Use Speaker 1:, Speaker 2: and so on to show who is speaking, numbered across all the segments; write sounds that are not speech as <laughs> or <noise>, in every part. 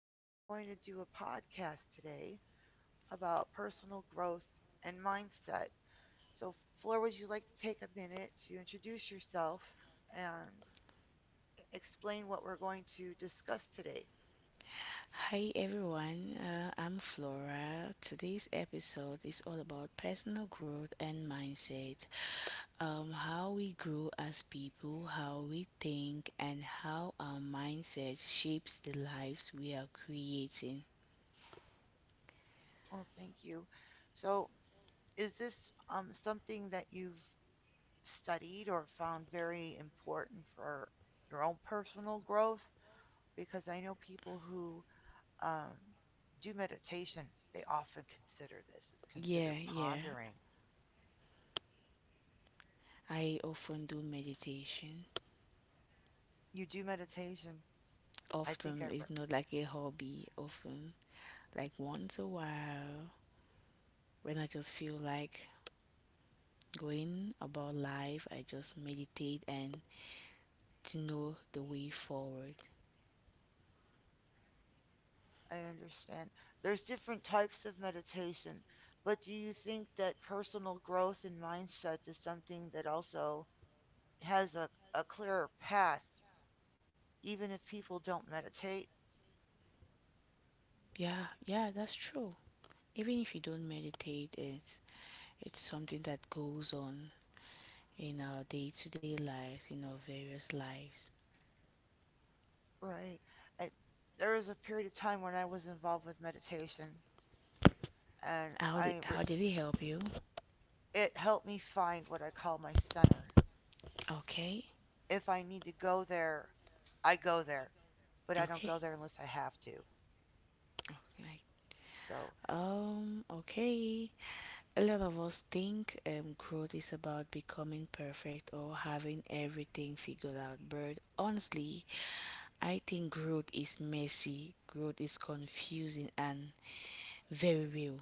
Speaker 1: We're going to do a podcast today about personal growth and mindset. So, Flora, would you like to take a minute to introduce yourself and explain what we're going to discuss today?
Speaker 2: Hi everyone, I'm Flora. Today's episode is all about personal growth and mindset. How we grow as people, how we think, and how our mindset shapes the lives we are creating.
Speaker 1: Oh, thank you. So, is this something that you've studied or found very important for your own personal growth? Because I know people who um, do meditation, they often consider this. It's
Speaker 2: Yeah,
Speaker 1: considered
Speaker 2: yeah.
Speaker 1: pondering.
Speaker 2: I often do meditation.
Speaker 1: You do meditation. I think I,
Speaker 2: Often it's
Speaker 1: re-
Speaker 2: not like a hobby, often like once a while when I just feel like going about life, I just meditate and to know the way forward.
Speaker 1: I understand. There's different types of meditation, but do you think that personal growth and mindset is something that also has a clearer path, even if people don't meditate?
Speaker 2: Yeah, yeah, that's true. Even if you don't meditate, it's something that goes on in our day-to-day lives, in our various lives.
Speaker 1: Right. I, there was a period of time when I was involved with meditation, and
Speaker 2: How did
Speaker 1: I re-
Speaker 2: how did it help you?
Speaker 1: it helped me find what I call my center.
Speaker 2: Okay,
Speaker 1: If I need to go there, I go there, but I don't
Speaker 2: okay,
Speaker 1: go there unless I have to.
Speaker 2: okay.
Speaker 1: So,
Speaker 2: Okay. A lot of us think growth is about becoming perfect or having everything figured out, but honestly, I think growth is messy, growth is confusing, and very real.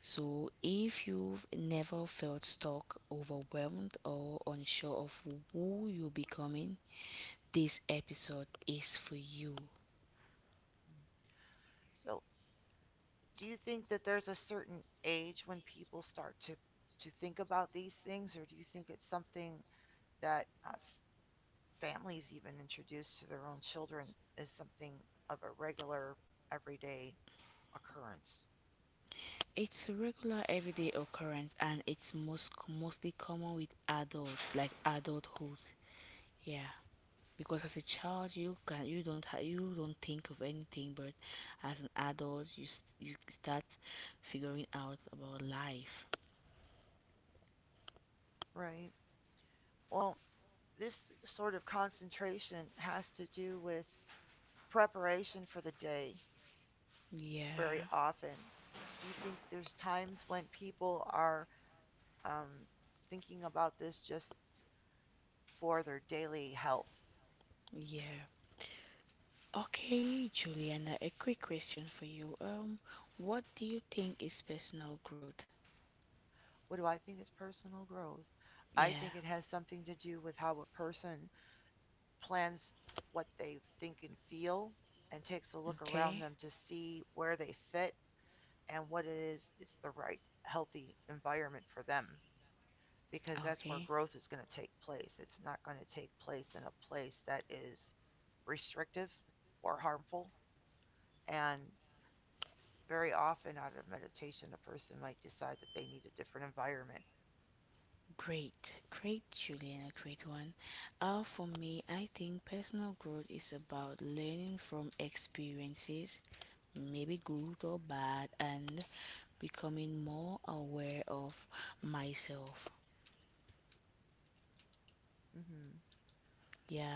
Speaker 2: So, if you've never felt stuck, overwhelmed, or unsure of who you're becoming, this episode is for you.
Speaker 1: mm. So do you think that there's a certain age when people start to think about these things, or do you think it's something that families even introduce to their own children as something of a regular, everyday occurrence?
Speaker 2: It's a regular everyday occurrence and it's mostly common with adults, like adulthood. Yeah, because as a child you can you don't ha- you don't think of anything, but as an adult you start figuring out about life.
Speaker 1: Right. Well, this sort of concentration has to do with preparation for the day very
Speaker 2: Yeah,
Speaker 1: often. Do you think there's times when people are um, thinking about this just for their daily health?
Speaker 2: yeah. Okay, Juliana, a quick question for you. What do you think is personal growth?
Speaker 1: What do I think is personal growth? I
Speaker 2: Yeah,
Speaker 1: think it has something to do with how a person plans what they think and feel, and takes a look around
Speaker 2: okay.
Speaker 1: them to see where they fit and what it is the right healthy environment for them, because that's where
Speaker 2: Okay.
Speaker 1: growth is going to take place. It's not going to take place in a place that is restrictive or harmful. And very often, out of meditation, a person might decide that they need a different environment.
Speaker 2: Great. Great, Juliana, great one. For me, I think personal growth is about learning from experiences, maybe good or bad, and becoming more aware of myself.
Speaker 1: Mm-hmm.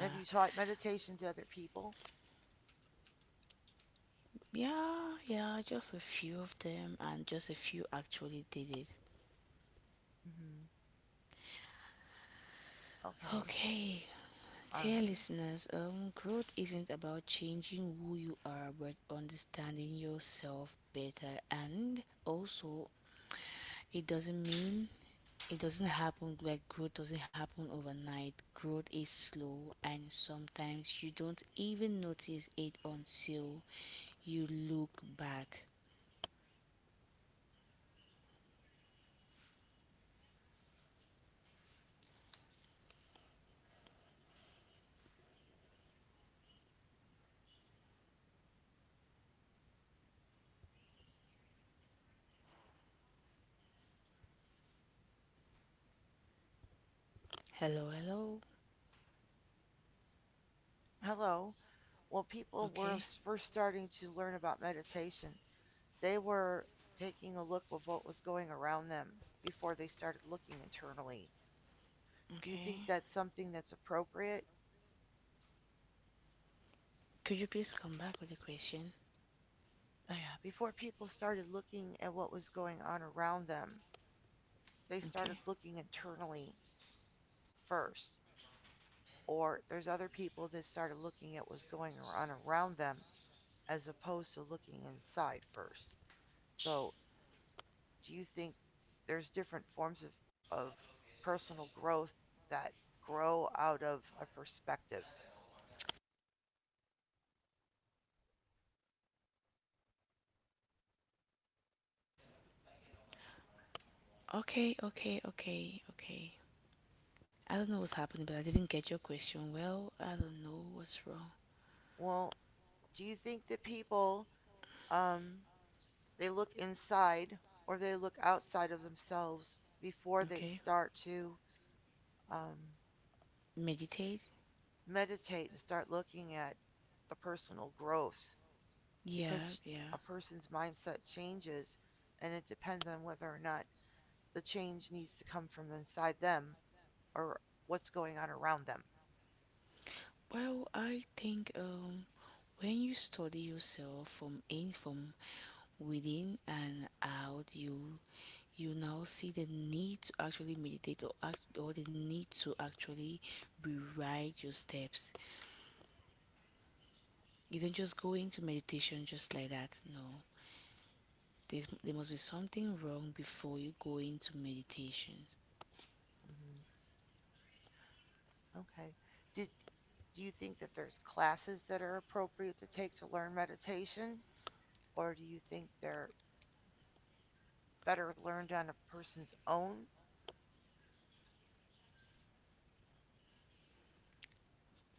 Speaker 1: Have you taught meditation to other people?
Speaker 2: Yeah, yeah, just a few of them, and just a few actually did it.
Speaker 1: Mm-hmm. Okay.
Speaker 2: Okay, dear
Speaker 1: Um,
Speaker 2: listeners, growth isn't about changing who you are, but understanding yourself better. And also, it doesn't mean it doesn't happen like growth doesn't happen overnight. Growth is slow, and sometimes you don't even notice it until you look back. Hello, hello.
Speaker 1: hello. Well, people were
Speaker 2: Okay,
Speaker 1: first starting to learn about meditation. They were taking a look of what was going around them before they started looking internally. Do you think
Speaker 2: okay.
Speaker 1: that's something that's appropriate?
Speaker 2: Could you please come back with a question?
Speaker 1: Before people started looking at what was going on around them, they started
Speaker 2: Okay.
Speaker 1: looking internally first. Or there's other people that started looking at what's going on around them as opposed to looking inside first. So, do you think there's different forms of personal growth that grow out of a perspective?
Speaker 2: Okay, okay, okay, okay. I don't know what's happening, but I didn't get your question. Well, I don't know what's wrong.
Speaker 1: Well, do you think that people um, they look inside or they look outside of themselves before they
Speaker 2: Okay.
Speaker 1: start to um,
Speaker 2: Meditate.
Speaker 1: meditate and start looking at the personal growth,
Speaker 2: Yeah,
Speaker 1: because
Speaker 2: yeah.
Speaker 1: a person's mindset changes and it depends on whether or not the change needs to come from inside them or what's going on around them.
Speaker 2: Well, I think when you study yourself from within and out, you now see the need to actually meditate or act, or the need to actually rewrite your steps. You don't just go into meditation just like that. No. There must be something wrong before you go into meditation.
Speaker 1: Hmm. Okay. Did do you think that there's classes that are appropriate to take to learn meditation, or do you think they're better learned on a person's own?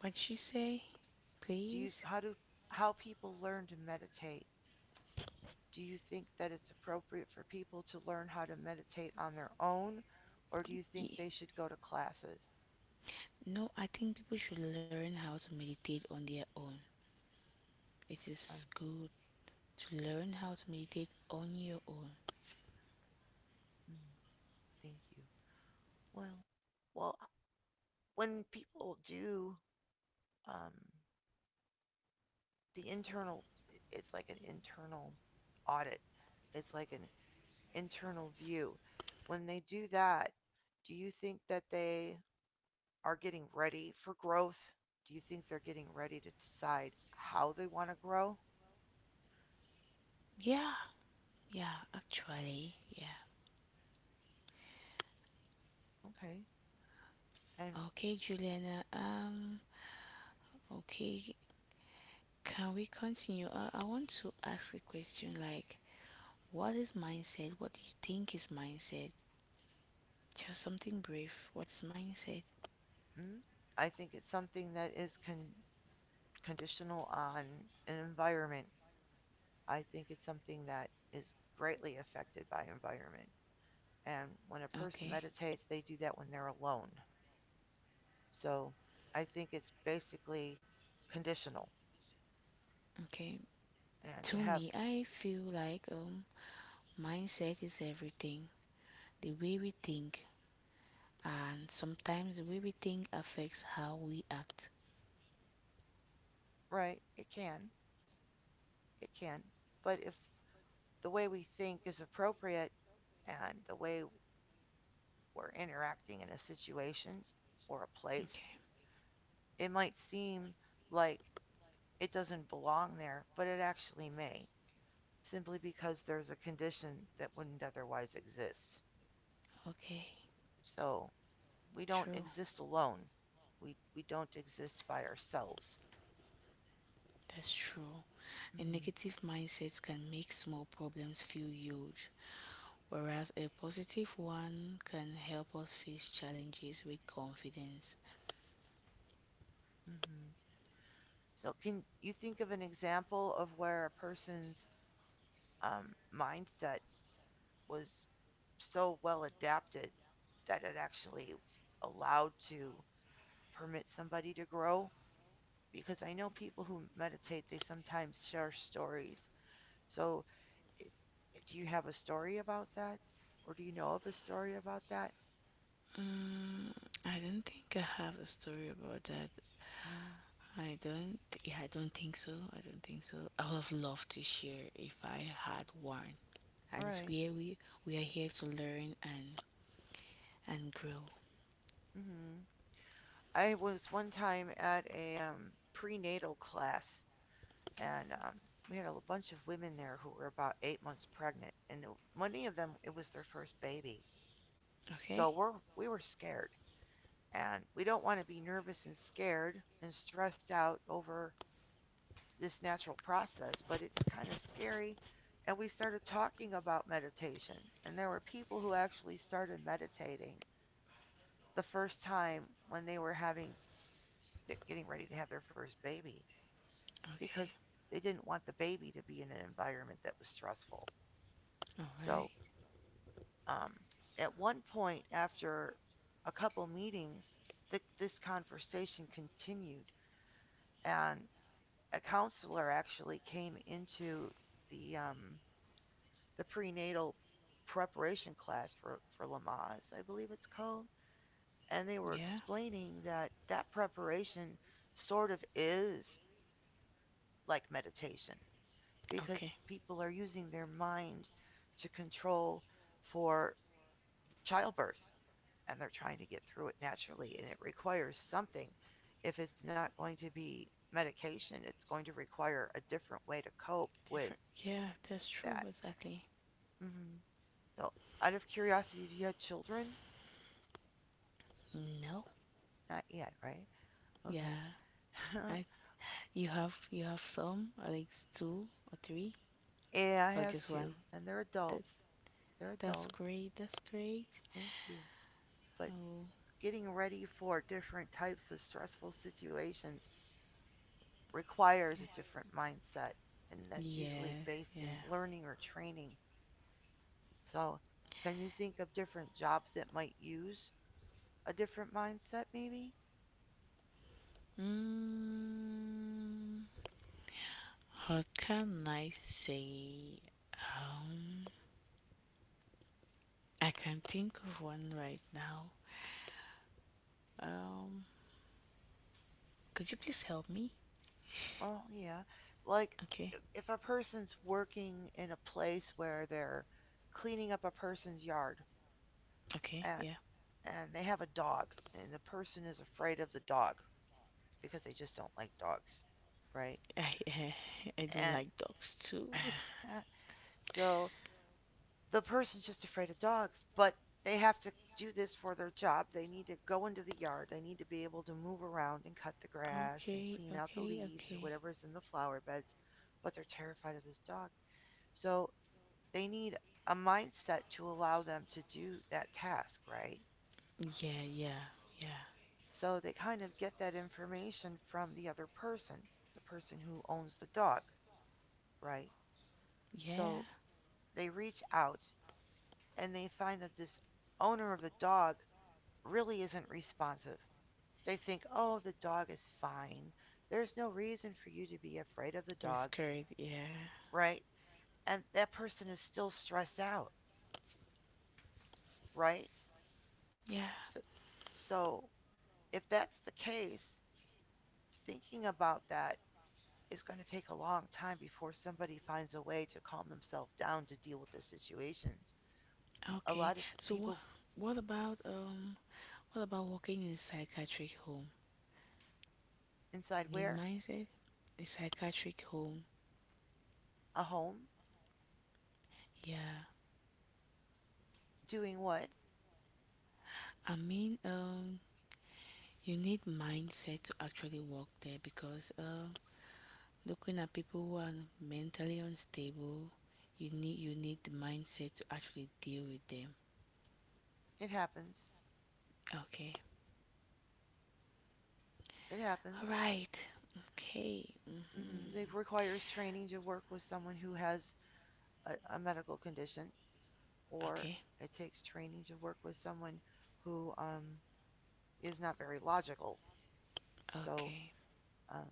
Speaker 2: What'd she say?
Speaker 1: do you
Speaker 2: Please?
Speaker 1: how do how people learn to meditate? Do you think that it's appropriate for people to learn how to meditate on their own, or do you think
Speaker 2: Yeah.
Speaker 1: they should go to classes?
Speaker 2: No, I think people should learn how to meditate on their own. It
Speaker 1: Um,
Speaker 2: is good to learn how to meditate on your own.
Speaker 1: mm, thank you. Well, well, when people do um, the internal, it's like an internal audit. It's like an internal view. When they do that, do you think that they are getting ready for growth? Do you think they're getting ready to decide how they want to grow?
Speaker 2: Yeah, yeah, actually, yeah.
Speaker 1: Okay. And
Speaker 2: Okay, Juliana, okay, can we continue? I want to ask a question like, what is mindset? What do you think is mindset? Just something brief. What's mindset?
Speaker 1: mm, I think it's something that is conditional on an environment. I think it's something that is greatly affected by environment. And when a person
Speaker 2: Okay,
Speaker 1: meditates, they do that when they're alone. So I think it's basically conditional.
Speaker 2: okay.
Speaker 1: And to
Speaker 2: To
Speaker 1: have,
Speaker 2: me, I feel like, mindset is everything. The way we think, and sometimes the way we think affects how we act.
Speaker 1: right, it can. But if the way we think is appropriate, and the way we're interacting in a situation or a place,
Speaker 2: Okay,
Speaker 1: it might seem like it doesn't belong there, but it actually may, simply because there's a condition that wouldn't otherwise exist.
Speaker 2: okay,
Speaker 1: So we don't
Speaker 2: true.
Speaker 1: exist alone. We don't exist by ourselves.
Speaker 2: That's true. A
Speaker 1: Hmm.
Speaker 2: negative mindset can make small problems feel huge, whereas a positive one can help us face challenges with confidence.
Speaker 1: Hmm. So can you think of an example of where a person's mindset was so well adapted that it actually allowed to permit somebody to grow, because I know people who meditate they sometimes share stories. So, i- do you have a story about that, or do you know of a story about that?
Speaker 2: Mm, I don't think I have a story about that.
Speaker 1: No.
Speaker 2: I don't. Yeah, I don't think so. I don't think so. I would have loved to share if I had one. At
Speaker 1: All
Speaker 2: least
Speaker 1: right.
Speaker 2: we are, We are here to learn and grow.
Speaker 1: Mm-hmm. I was one time at a prenatal class, and we had a bunch of women there who were about 8 months pregnant, and many of them it was their first baby.
Speaker 2: Okay?
Speaker 1: So we were scared. And we don't want to be nervous and scared and stressed out over this natural process, but it's kind of scary. And we started talking about meditation. And there were people who actually started meditating the first time when they were having getting ready to have their first baby, because
Speaker 2: Okay.
Speaker 1: they didn't want the baby to be in an environment that was stressful.
Speaker 2: All right.
Speaker 1: So, um, at one point after a couple meetings, this conversation continued, and a counselor actually came into the um, the prenatal preparation class for Lamaze, I believe it's called, and they were
Speaker 2: Yeah.
Speaker 1: explaining that that preparation sort of is like meditation, because
Speaker 2: Okay.
Speaker 1: people are using their mind to control for childbirth, and they're trying to get through it naturally and it requires something. If it's not going to be medication, it's going to require a different way to cope with
Speaker 2: Different. Yeah, that's true
Speaker 1: that.
Speaker 2: exactly.
Speaker 1: Hmm. So, out of curiosity, have you had children?
Speaker 2: No.
Speaker 1: Not yet, right? Okay.
Speaker 2: Yeah. I You have you have some, at least two or three
Speaker 1: <laughs> Yeah, I
Speaker 2: or
Speaker 1: have
Speaker 2: just
Speaker 1: two,
Speaker 2: one.
Speaker 1: and they're
Speaker 2: That
Speaker 1: adults. They're
Speaker 2: that's
Speaker 1: adults.
Speaker 2: great. That's great.
Speaker 1: Thank you. But
Speaker 2: Oh,
Speaker 1: getting ready for different types of stressful situations requires
Speaker 2: yeah.
Speaker 1: a different mindset, and that's usually
Speaker 2: Yes,
Speaker 1: based in
Speaker 2: yeah.
Speaker 1: learning or training. So, can you think of different jobs that might use a different mindset, maybe?
Speaker 2: Mm, what can I say? Um, I can think of one right now. Um, could you please help me?
Speaker 1: Oh yeah. Like,
Speaker 2: Okay.
Speaker 1: if a person's working in a place where they're cleaning up a person's yard,
Speaker 2: Okay.
Speaker 1: and,
Speaker 2: Yeah.
Speaker 1: and they have a dog, and the person is afraid of the dog because they just don't like dogs, right?
Speaker 2: <laughs> I I do
Speaker 1: And
Speaker 2: like dogs too. <laughs>
Speaker 1: <sighs> so the person's just afraid of dogs, but they have to do this for their job. They need to go into the yard, they need to be able to move around and cut the grass and
Speaker 2: Okay.
Speaker 1: clean out the
Speaker 2: Okay.
Speaker 1: leaves or
Speaker 2: Okay.
Speaker 1: whatever's in the flower beds, but they're terrified of this dog. So they need a mindset to allow them to do that task, right?
Speaker 2: Yeah. Yeah. Yeah.
Speaker 1: So they kind of get that information from the other person, the person who owns the dog, right?
Speaker 2: Yeah.
Speaker 1: So they reach out and they find that this owner of the dog really isn't responsive. They think, oh, the dog is fine. There's no reason for you to be afraid of the
Speaker 2: They're
Speaker 1: dog,
Speaker 2: scared. Yeah.
Speaker 1: right? And that person is still stressed out, right?
Speaker 2: Yeah.
Speaker 1: So, so, if that's the case, thinking about that, it's going to take a long time before somebody finds a way to calm themselves down to deal with the situation. A
Speaker 2: Okay.
Speaker 1: lot of
Speaker 2: So what?
Speaker 1: people
Speaker 2: What about um? What about working in a psychiatric home?
Speaker 1: inside
Speaker 2: You need
Speaker 1: where?
Speaker 2: mindset. A psychiatric home.
Speaker 1: A home?
Speaker 2: Yeah.
Speaker 1: Doing what?
Speaker 2: I mean. You need mindset to actually work there because looking at people who are mentally unstable, you need the mindset to actually deal with them.
Speaker 1: It happens.
Speaker 2: Okay.
Speaker 1: It happens.
Speaker 2: All right. Okay.
Speaker 1: Hmm. It
Speaker 2: Mm-hmm.
Speaker 1: requires training to work with someone who has a medical condition, or
Speaker 2: Okay.
Speaker 1: it takes training to work with someone who is not very logical. So
Speaker 2: Okay.
Speaker 1: um,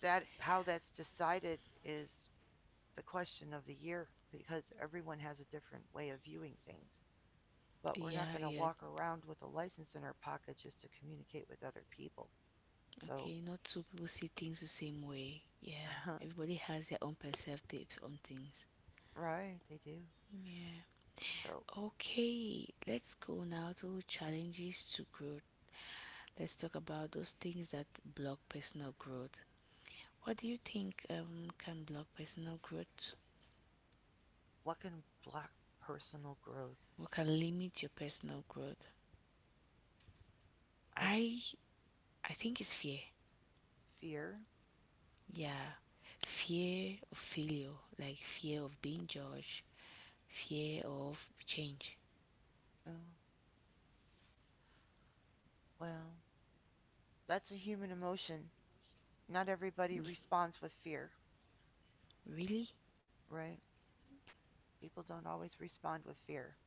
Speaker 1: that how that's decided is the question of the year, because everyone has a different way of viewing things. But we're not
Speaker 2: Yeah,
Speaker 1: going to
Speaker 2: yeah.
Speaker 1: walk around with a license in our pocket just to communicate with other people. So,
Speaker 2: Okay. Not two people see things the same way. Yeah.
Speaker 1: <laughs>
Speaker 2: Everybody has their own perspectives on things.
Speaker 1: right, they do. So,
Speaker 2: Okay. Let's go now to challenges to growth. Let's talk about those things that block personal growth. What do you think can block personal growth?
Speaker 1: what can block personal growth?
Speaker 2: What can limit your personal growth?
Speaker 1: I
Speaker 2: I I think it's fear.
Speaker 1: fear.
Speaker 2: Yeah. Fear of failure, like fear of being judged, fear of change.
Speaker 1: Oh, well, that's a human emotion. Not everybody
Speaker 2: Mm,
Speaker 1: responds with fear,
Speaker 2: really?
Speaker 1: right? People don't always respond with fear.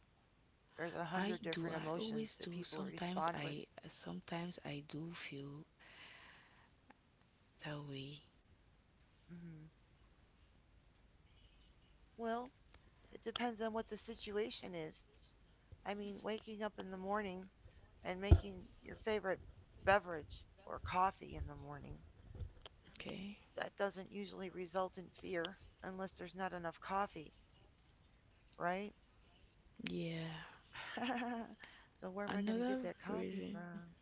Speaker 1: There's a
Speaker 2: I
Speaker 1: hundred
Speaker 2: do
Speaker 1: different
Speaker 2: I
Speaker 1: emotions
Speaker 2: always
Speaker 1: that
Speaker 2: do.
Speaker 1: people
Speaker 2: Sometimes
Speaker 1: respond with.
Speaker 2: I sometimes I do feel that way.
Speaker 1: Hmm. Well, it depends on what the situation is. I mean, waking up in the morning and making your favorite beverage or coffee in the morning,
Speaker 2: Okay.
Speaker 1: that doesn't usually result in fear unless there's not enough coffee, right?
Speaker 2: Yeah.
Speaker 1: <laughs> So, where am I going to get
Speaker 2: Another
Speaker 1: that coffee
Speaker 2: reason.
Speaker 1: from?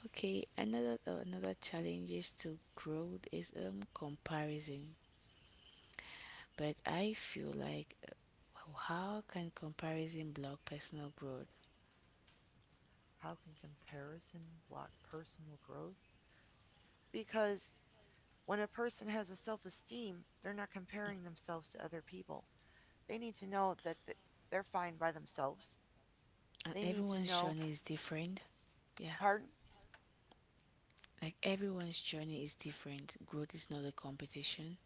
Speaker 2: Okay, another another challenge is to growth is comparison. But I feel like how can comparison block personal growth?
Speaker 1: How can comparison block personal growth? Because when a person has a self esteem, they're not comparing themselves to other people. They need to know that they're fine by themselves.
Speaker 2: And
Speaker 1: They need to
Speaker 2: everyone's
Speaker 1: know,
Speaker 2: journey is different. Yeah.
Speaker 1: pardon?
Speaker 2: Like everyone's journey is different. Growth is not a competition.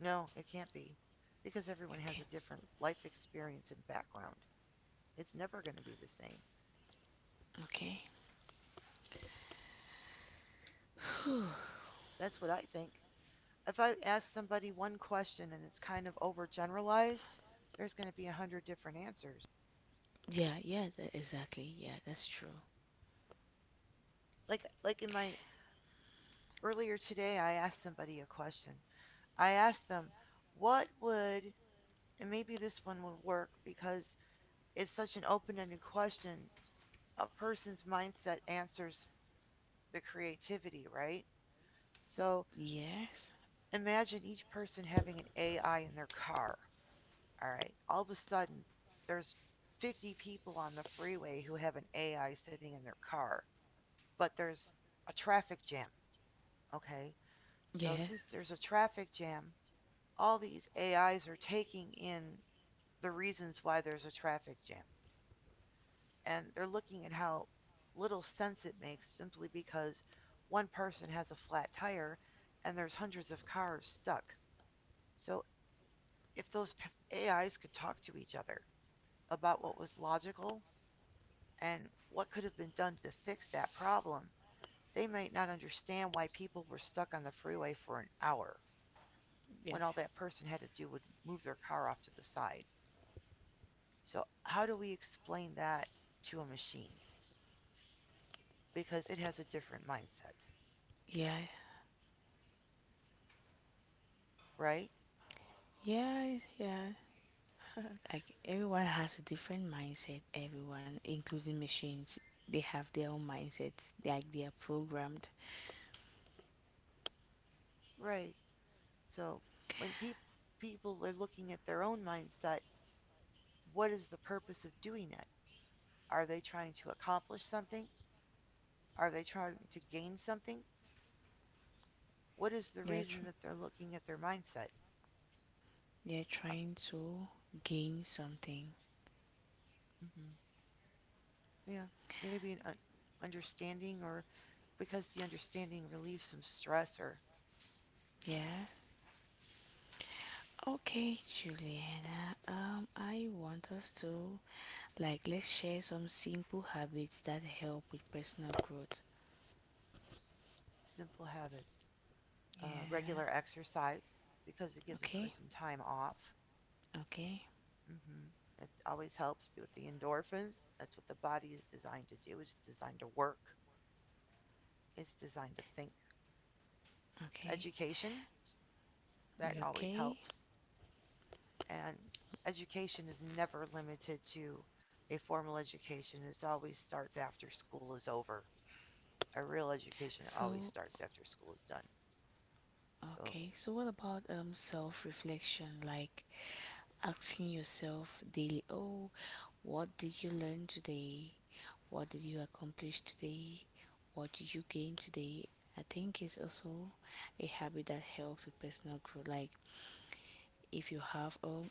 Speaker 1: No, it can't be. Because everyone has
Speaker 2: Okay.
Speaker 1: a different life experience and background. It's never going to be the same.
Speaker 2: Okay.
Speaker 1: That's what I think. If I ask somebody one question and it's kind of overgeneralized, there's going to be 100 different answers.
Speaker 2: Exactly. Yeah, that's true.
Speaker 1: Like in my earlier today, I asked somebody a question. I asked them, "What would?" And maybe this one would work because it's such an open-ended question. A person's mindset answers the creativity, right? So
Speaker 2: Yes.
Speaker 1: imagine each person having an AI in their car. All right. All of a sudden, there's 50 people on the freeway who have an AI sitting in their car, but there's a traffic jam. Okay. So
Speaker 2: Yeah.
Speaker 1: since there's a traffic jam, all these AIs are taking in the reasons why there's a traffic jam. And they're looking at how little sense it makes simply because one person has a flat tire and there's hundreds of cars stuck. So if AIs could talk to each other about what was logical and what could have been done to fix that problem, they might not understand why people were stuck on the freeway for an hour
Speaker 2: Yeah. Okay.
Speaker 1: when all that person had to do would move their car off to the side. So, how do we explain that to a machine? Because it has a different mindset,
Speaker 2: Yeah.
Speaker 1: right?
Speaker 2: Yeah. Yeah. Like everyone has a different mindset. Everyone, including machines, they have their own mindsets. Like they are programmed.
Speaker 1: Right. So, when people are looking at their own mindset, what is the purpose of doing it? Are they trying to accomplish something? Are they trying to gain something? What is the
Speaker 2: Yeah,
Speaker 1: reason that they're looking at their mindset?
Speaker 2: they're
Speaker 1: Uh,
Speaker 2: trying to gain something.
Speaker 1: mhm, yeah, maybe understanding, or because the understanding relieves some stress or
Speaker 2: Yeah. Okay, Juliana. I want us to like let's share some simple habits that help with personal growth.
Speaker 1: simple habits.
Speaker 2: Yeah.
Speaker 1: Regular exercise, because it gives a
Speaker 2: Okay.
Speaker 1: person time off.
Speaker 2: Okay.
Speaker 1: Hmm. It always helps with the endorphins. That's what the body is designed to do. It's designed to work, it's designed to think.
Speaker 2: Okay.
Speaker 1: Education, that
Speaker 2: You
Speaker 1: always
Speaker 2: okay?
Speaker 1: helps. And education is never limited to a formal education. It always starts after school is over. A real education always
Speaker 2: So,
Speaker 1: starts after school is done. So
Speaker 2: okay. So, what about self-reflection? Like, asking yourself daily, oh, what did you learn today? What did you accomplish today? What did you gain today? I think it's also a habit that helps with personal growth. Like if you have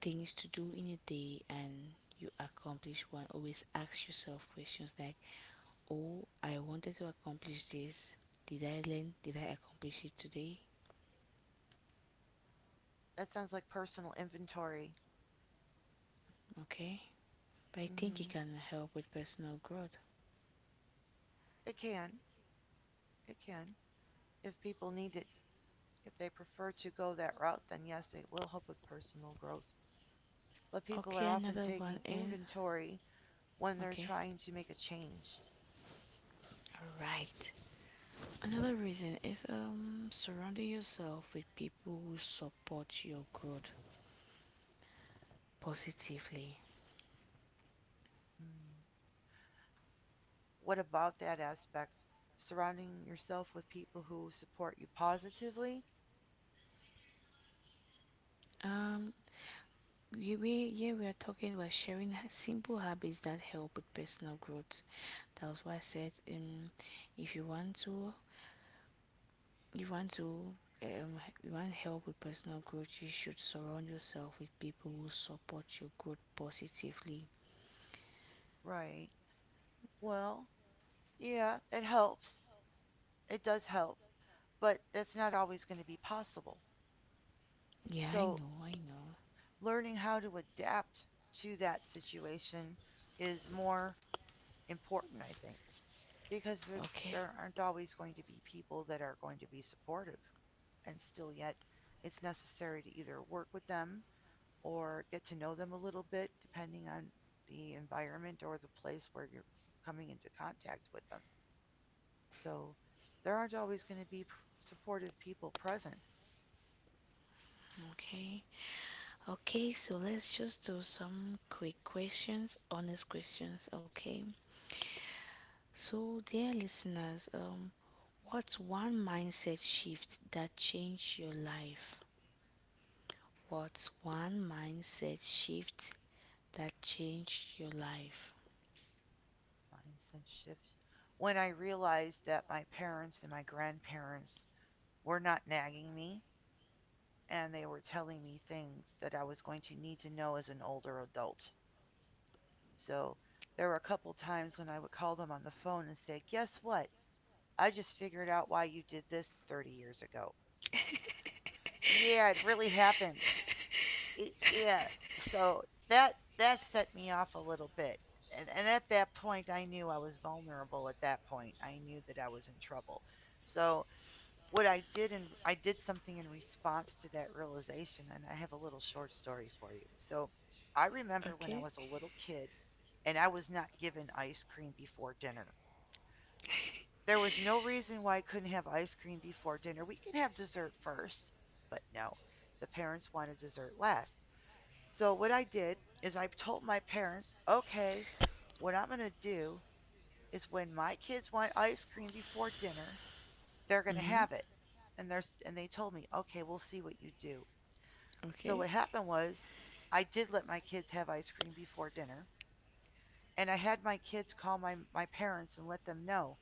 Speaker 2: things to do in a day and you accomplish one, always ask yourself questions like, oh, I wanted to accomplish this. Did I learn? Did I accomplish it today?
Speaker 1: that sounds like personal inventory.
Speaker 2: Okay. But I think it
Speaker 1: Hmm
Speaker 2: can help with personal growth.
Speaker 1: It can. It can. If people need it, if they prefer to go that route, then yes, it will help with personal growth. But people
Speaker 2: Okay,
Speaker 1: are often
Speaker 2: another one
Speaker 1: taking
Speaker 2: is
Speaker 1: inventory when they're
Speaker 2: okay.
Speaker 1: trying to make a change.
Speaker 2: All right. Another reason is surrounding yourself with people who support your growth positively.
Speaker 1: Mm, what about that aspect? Surrounding yourself with people who support you positively?
Speaker 2: Um we Yeah, we are talking about sharing simple habits that help with personal growth. That was why I said if you want to you want help with personal growth, you should surround yourself with people who support your growth positively.
Speaker 1: Right. Well, yeah, it helps. It does help, but that's not always going to be possible.
Speaker 2: Yeah, I
Speaker 1: So,
Speaker 2: know, I know.
Speaker 1: learning how to adapt to that situation is more important, I think, because
Speaker 2: Okay,
Speaker 1: there aren't always going to be people that are going to be supportive. And still, yet, it's necessary to either work with them or get to know them a little bit, depending on the environment or the place where you're coming into contact with them. So there aren't always going to be supportive people present.
Speaker 2: okay. Okay, so let's just do some quick questions, honest questions, okay? So, dear listeners, what's one mindset shift that changed your life? What's one mindset shift that changed your life?
Speaker 1: Mindset shift. When I realized that my parents and my grandparents were not nagging me and they were telling me things that I was going to need to know as an older adult. So there were a couple times when I would call them on the phone and say, "Guess what? I just figured out why you did this 30 years ago." Yeah, it really happened. It, yeah. So that that set me off a little bit. And at that point I knew I was vulnerable at that point. I knew that I was in trouble. So what I did and I did something in response to that realization and I have a little short story for you. So I remember when I
Speaker 2: Okay.
Speaker 1: was a little kid and I was not given ice cream before dinner. There was no reason why I couldn't have ice cream before dinner. We can have dessert first. But no, the parents wanted dessert last. So what I did is I told my parents, "Okay, what I'm going to do is when my kids want ice cream before dinner, they're going to
Speaker 2: Mm-hmm.
Speaker 1: have it." And and they told me, "Okay, we'll see what you do." So
Speaker 2: Okay.
Speaker 1: what happened was I did let my kids have ice cream before dinner. And I had my kids call my parents and let them know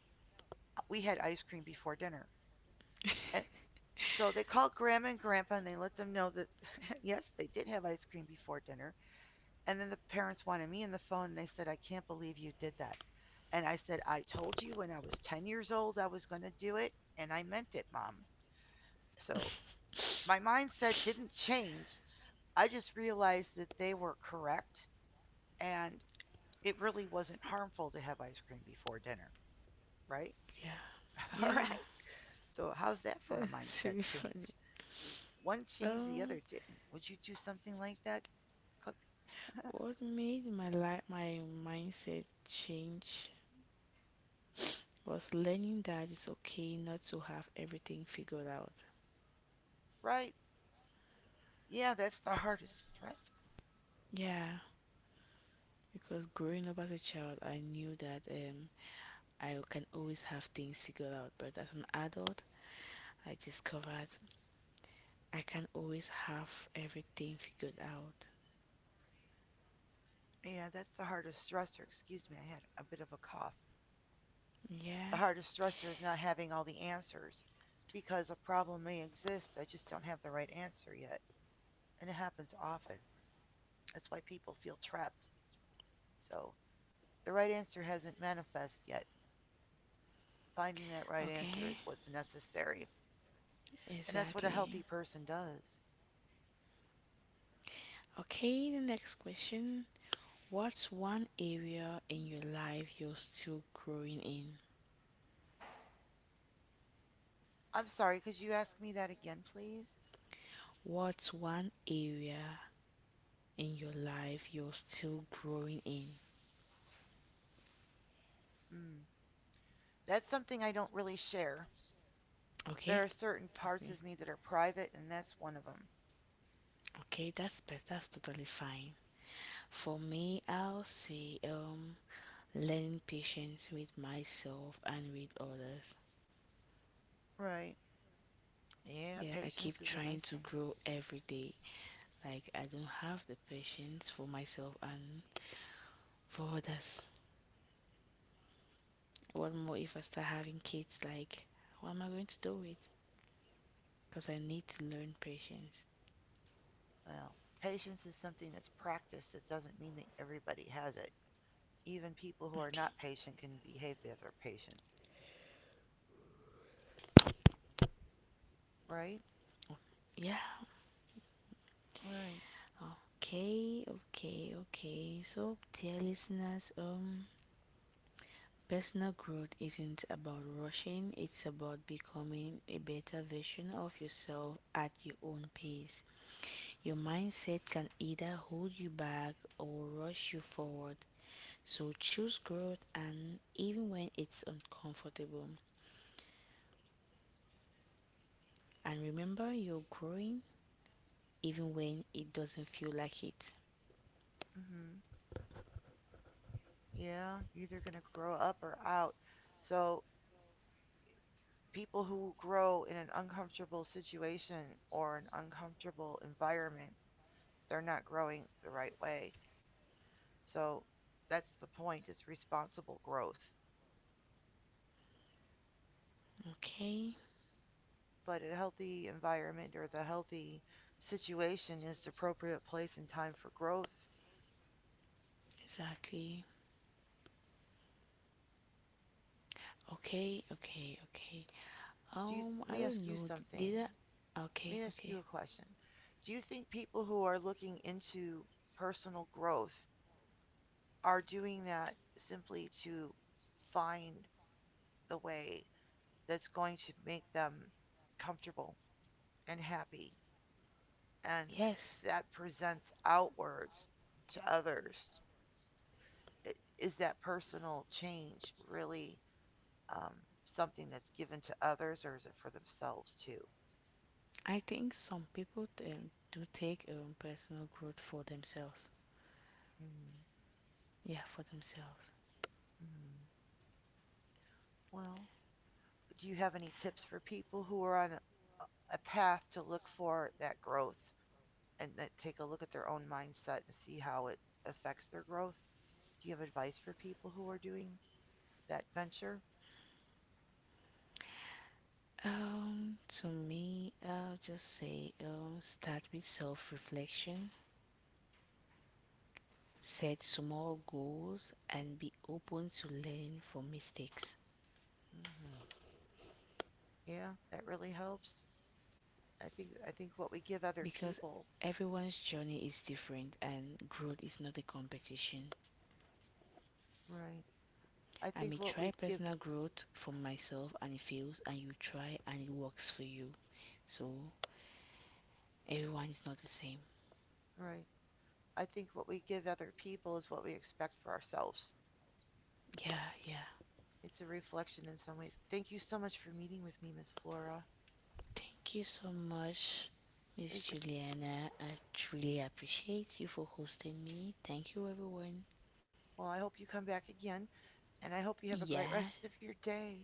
Speaker 1: we had ice cream before dinner. So they called Grandma and Grandpa and they let them know that, <laughs> yes, they did have ice cream before dinner. And then the parents wanted me on the phone and they said, "I can't believe you did that." And I said, "I told you when I was 10 years old I was going to do it and I meant it, Mom." So my mindset didn't change. I just realized that they were correct and it really wasn't harmful to have ice cream before dinner, right?
Speaker 2: Yeah,
Speaker 1: <laughs> All
Speaker 2: yeah,
Speaker 1: right. So, how's that
Speaker 2: <laughs>
Speaker 1: for a
Speaker 2: that's
Speaker 1: mindset
Speaker 2: really
Speaker 1: change?
Speaker 2: funny.
Speaker 1: One changed, the
Speaker 2: Um,
Speaker 1: other didn't. Would you do something like that,
Speaker 2: what made my life, my mindset change? Was learning that it's okay not to have everything figured out.
Speaker 1: right? Yeah, that's the hardest stress.
Speaker 2: Yeah, because growing up as a child, I knew that I can always have things figured out, but as an adult, I discovered I can always have everything figured out.
Speaker 1: Yeah, that's the hardest stressor. Excuse me, I had a bit of a cough. The
Speaker 2: Yeah,
Speaker 1: hardest stressor is not having all the answers because a problem may exist. I just don't have the right answer yet. And it happens often. That's why people feel trapped. So the right answer hasn't manifest yet. Finding that right answer
Speaker 2: okay,
Speaker 1: is what's necessary. And that's what a
Speaker 2: exactly.
Speaker 1: healthy person does.
Speaker 2: Okay, the next question. What's one area in your life you're still growing in?
Speaker 1: I'm sorry, could you ask me that again, please?
Speaker 2: What's one area in your life you're still growing in?
Speaker 1: Mm. That's something I don't really share.
Speaker 2: Okay.
Speaker 1: There are certain parts
Speaker 2: Okay.
Speaker 1: of me that are private, and that's one of them.
Speaker 2: Okay, that's best. That's totally fine. For me, I'll say learning patience with myself and with others.
Speaker 1: Right. Yeah,
Speaker 2: Yeah, I
Speaker 1: patience
Speaker 2: keep
Speaker 1: is a
Speaker 2: trying
Speaker 1: nice
Speaker 2: to
Speaker 1: one.
Speaker 2: grow every day. Like I don't have the patience for myself and for others. What more if I start having kids? Like, what am I going to do with? Because I need to learn patience.
Speaker 1: Well, patience is something that's practiced. It doesn't mean that everybody has it. Even people who are
Speaker 2: Okay.
Speaker 1: not patient can behave if they're patient, right?
Speaker 2: Yeah.
Speaker 1: Right.
Speaker 2: Okay. Okay. Okay. So, dear listeners, personal growth isn't about rushing, it's about becoming a better version of yourself at your own pace. Your mindset can either hold you back or rush you forward. So choose growth and even when it's uncomfortable. And remember you're growing even when it doesn't feel like it.
Speaker 1: Mm. Mhm. Yeah, you're either going to grow up or out. So, people who grow in an uncomfortable situation or an uncomfortable environment, they're not growing the right way. So, that's the point. It's responsible growth.
Speaker 2: Okay?
Speaker 1: But a healthy environment or the healthy situation is the appropriate place and time for growth.
Speaker 2: Exactly. Okay, okay, okay.
Speaker 1: Do you, let
Speaker 2: I
Speaker 1: me ask
Speaker 2: don't
Speaker 1: you
Speaker 2: know.
Speaker 1: something.
Speaker 2: Did I
Speaker 1: Let
Speaker 2: okay,
Speaker 1: me ask
Speaker 2: okay.
Speaker 1: you a question. Do you think people who are looking into personal growth are doing that simply to find the way that's going to make them comfortable and happy and
Speaker 2: Yes.
Speaker 1: that presents outwards to others? Is that personal change really um, something that's given to others, or is it for themselves too?
Speaker 2: I think some people do take personal growth for themselves.
Speaker 1: Mm.
Speaker 2: Yeah, for themselves.
Speaker 1: Mm. Well, do you have any tips for people who are on a path to look for that growth and that take a look at their own mindset and see how it affects their growth? Do you have advice for people who are doing that venture?
Speaker 2: To me, I'll just say start with self reflection, set small goals, and be open to learning from mistakes
Speaker 1: Hmm. Yeah, that really helps. I think what we give other
Speaker 2: because
Speaker 1: people,
Speaker 2: everyone's journey is different and growth is not a competition.
Speaker 1: right? I
Speaker 2: I
Speaker 1: think
Speaker 2: may
Speaker 1: what we
Speaker 2: try
Speaker 1: give,
Speaker 2: personal growth for myself and it fails, and you try and it works for you. So, everyone is not the same.
Speaker 1: right? I think what we give other people is what we expect for ourselves.
Speaker 2: Yeah, yeah.
Speaker 1: It's a reflection in some ways. Thank you so much for meeting with me, Miss Flora.
Speaker 2: Thank you so much, Miss
Speaker 1: It's a,
Speaker 2: Juliana. I truly appreciate you for hosting me. Thank you, everyone.
Speaker 1: well, I hope you come back again, and I hope you have a great
Speaker 2: Yeah,
Speaker 1: rest of your day.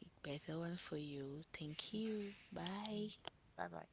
Speaker 2: the better one for you. Thank you. Bye.
Speaker 1: Bye bye.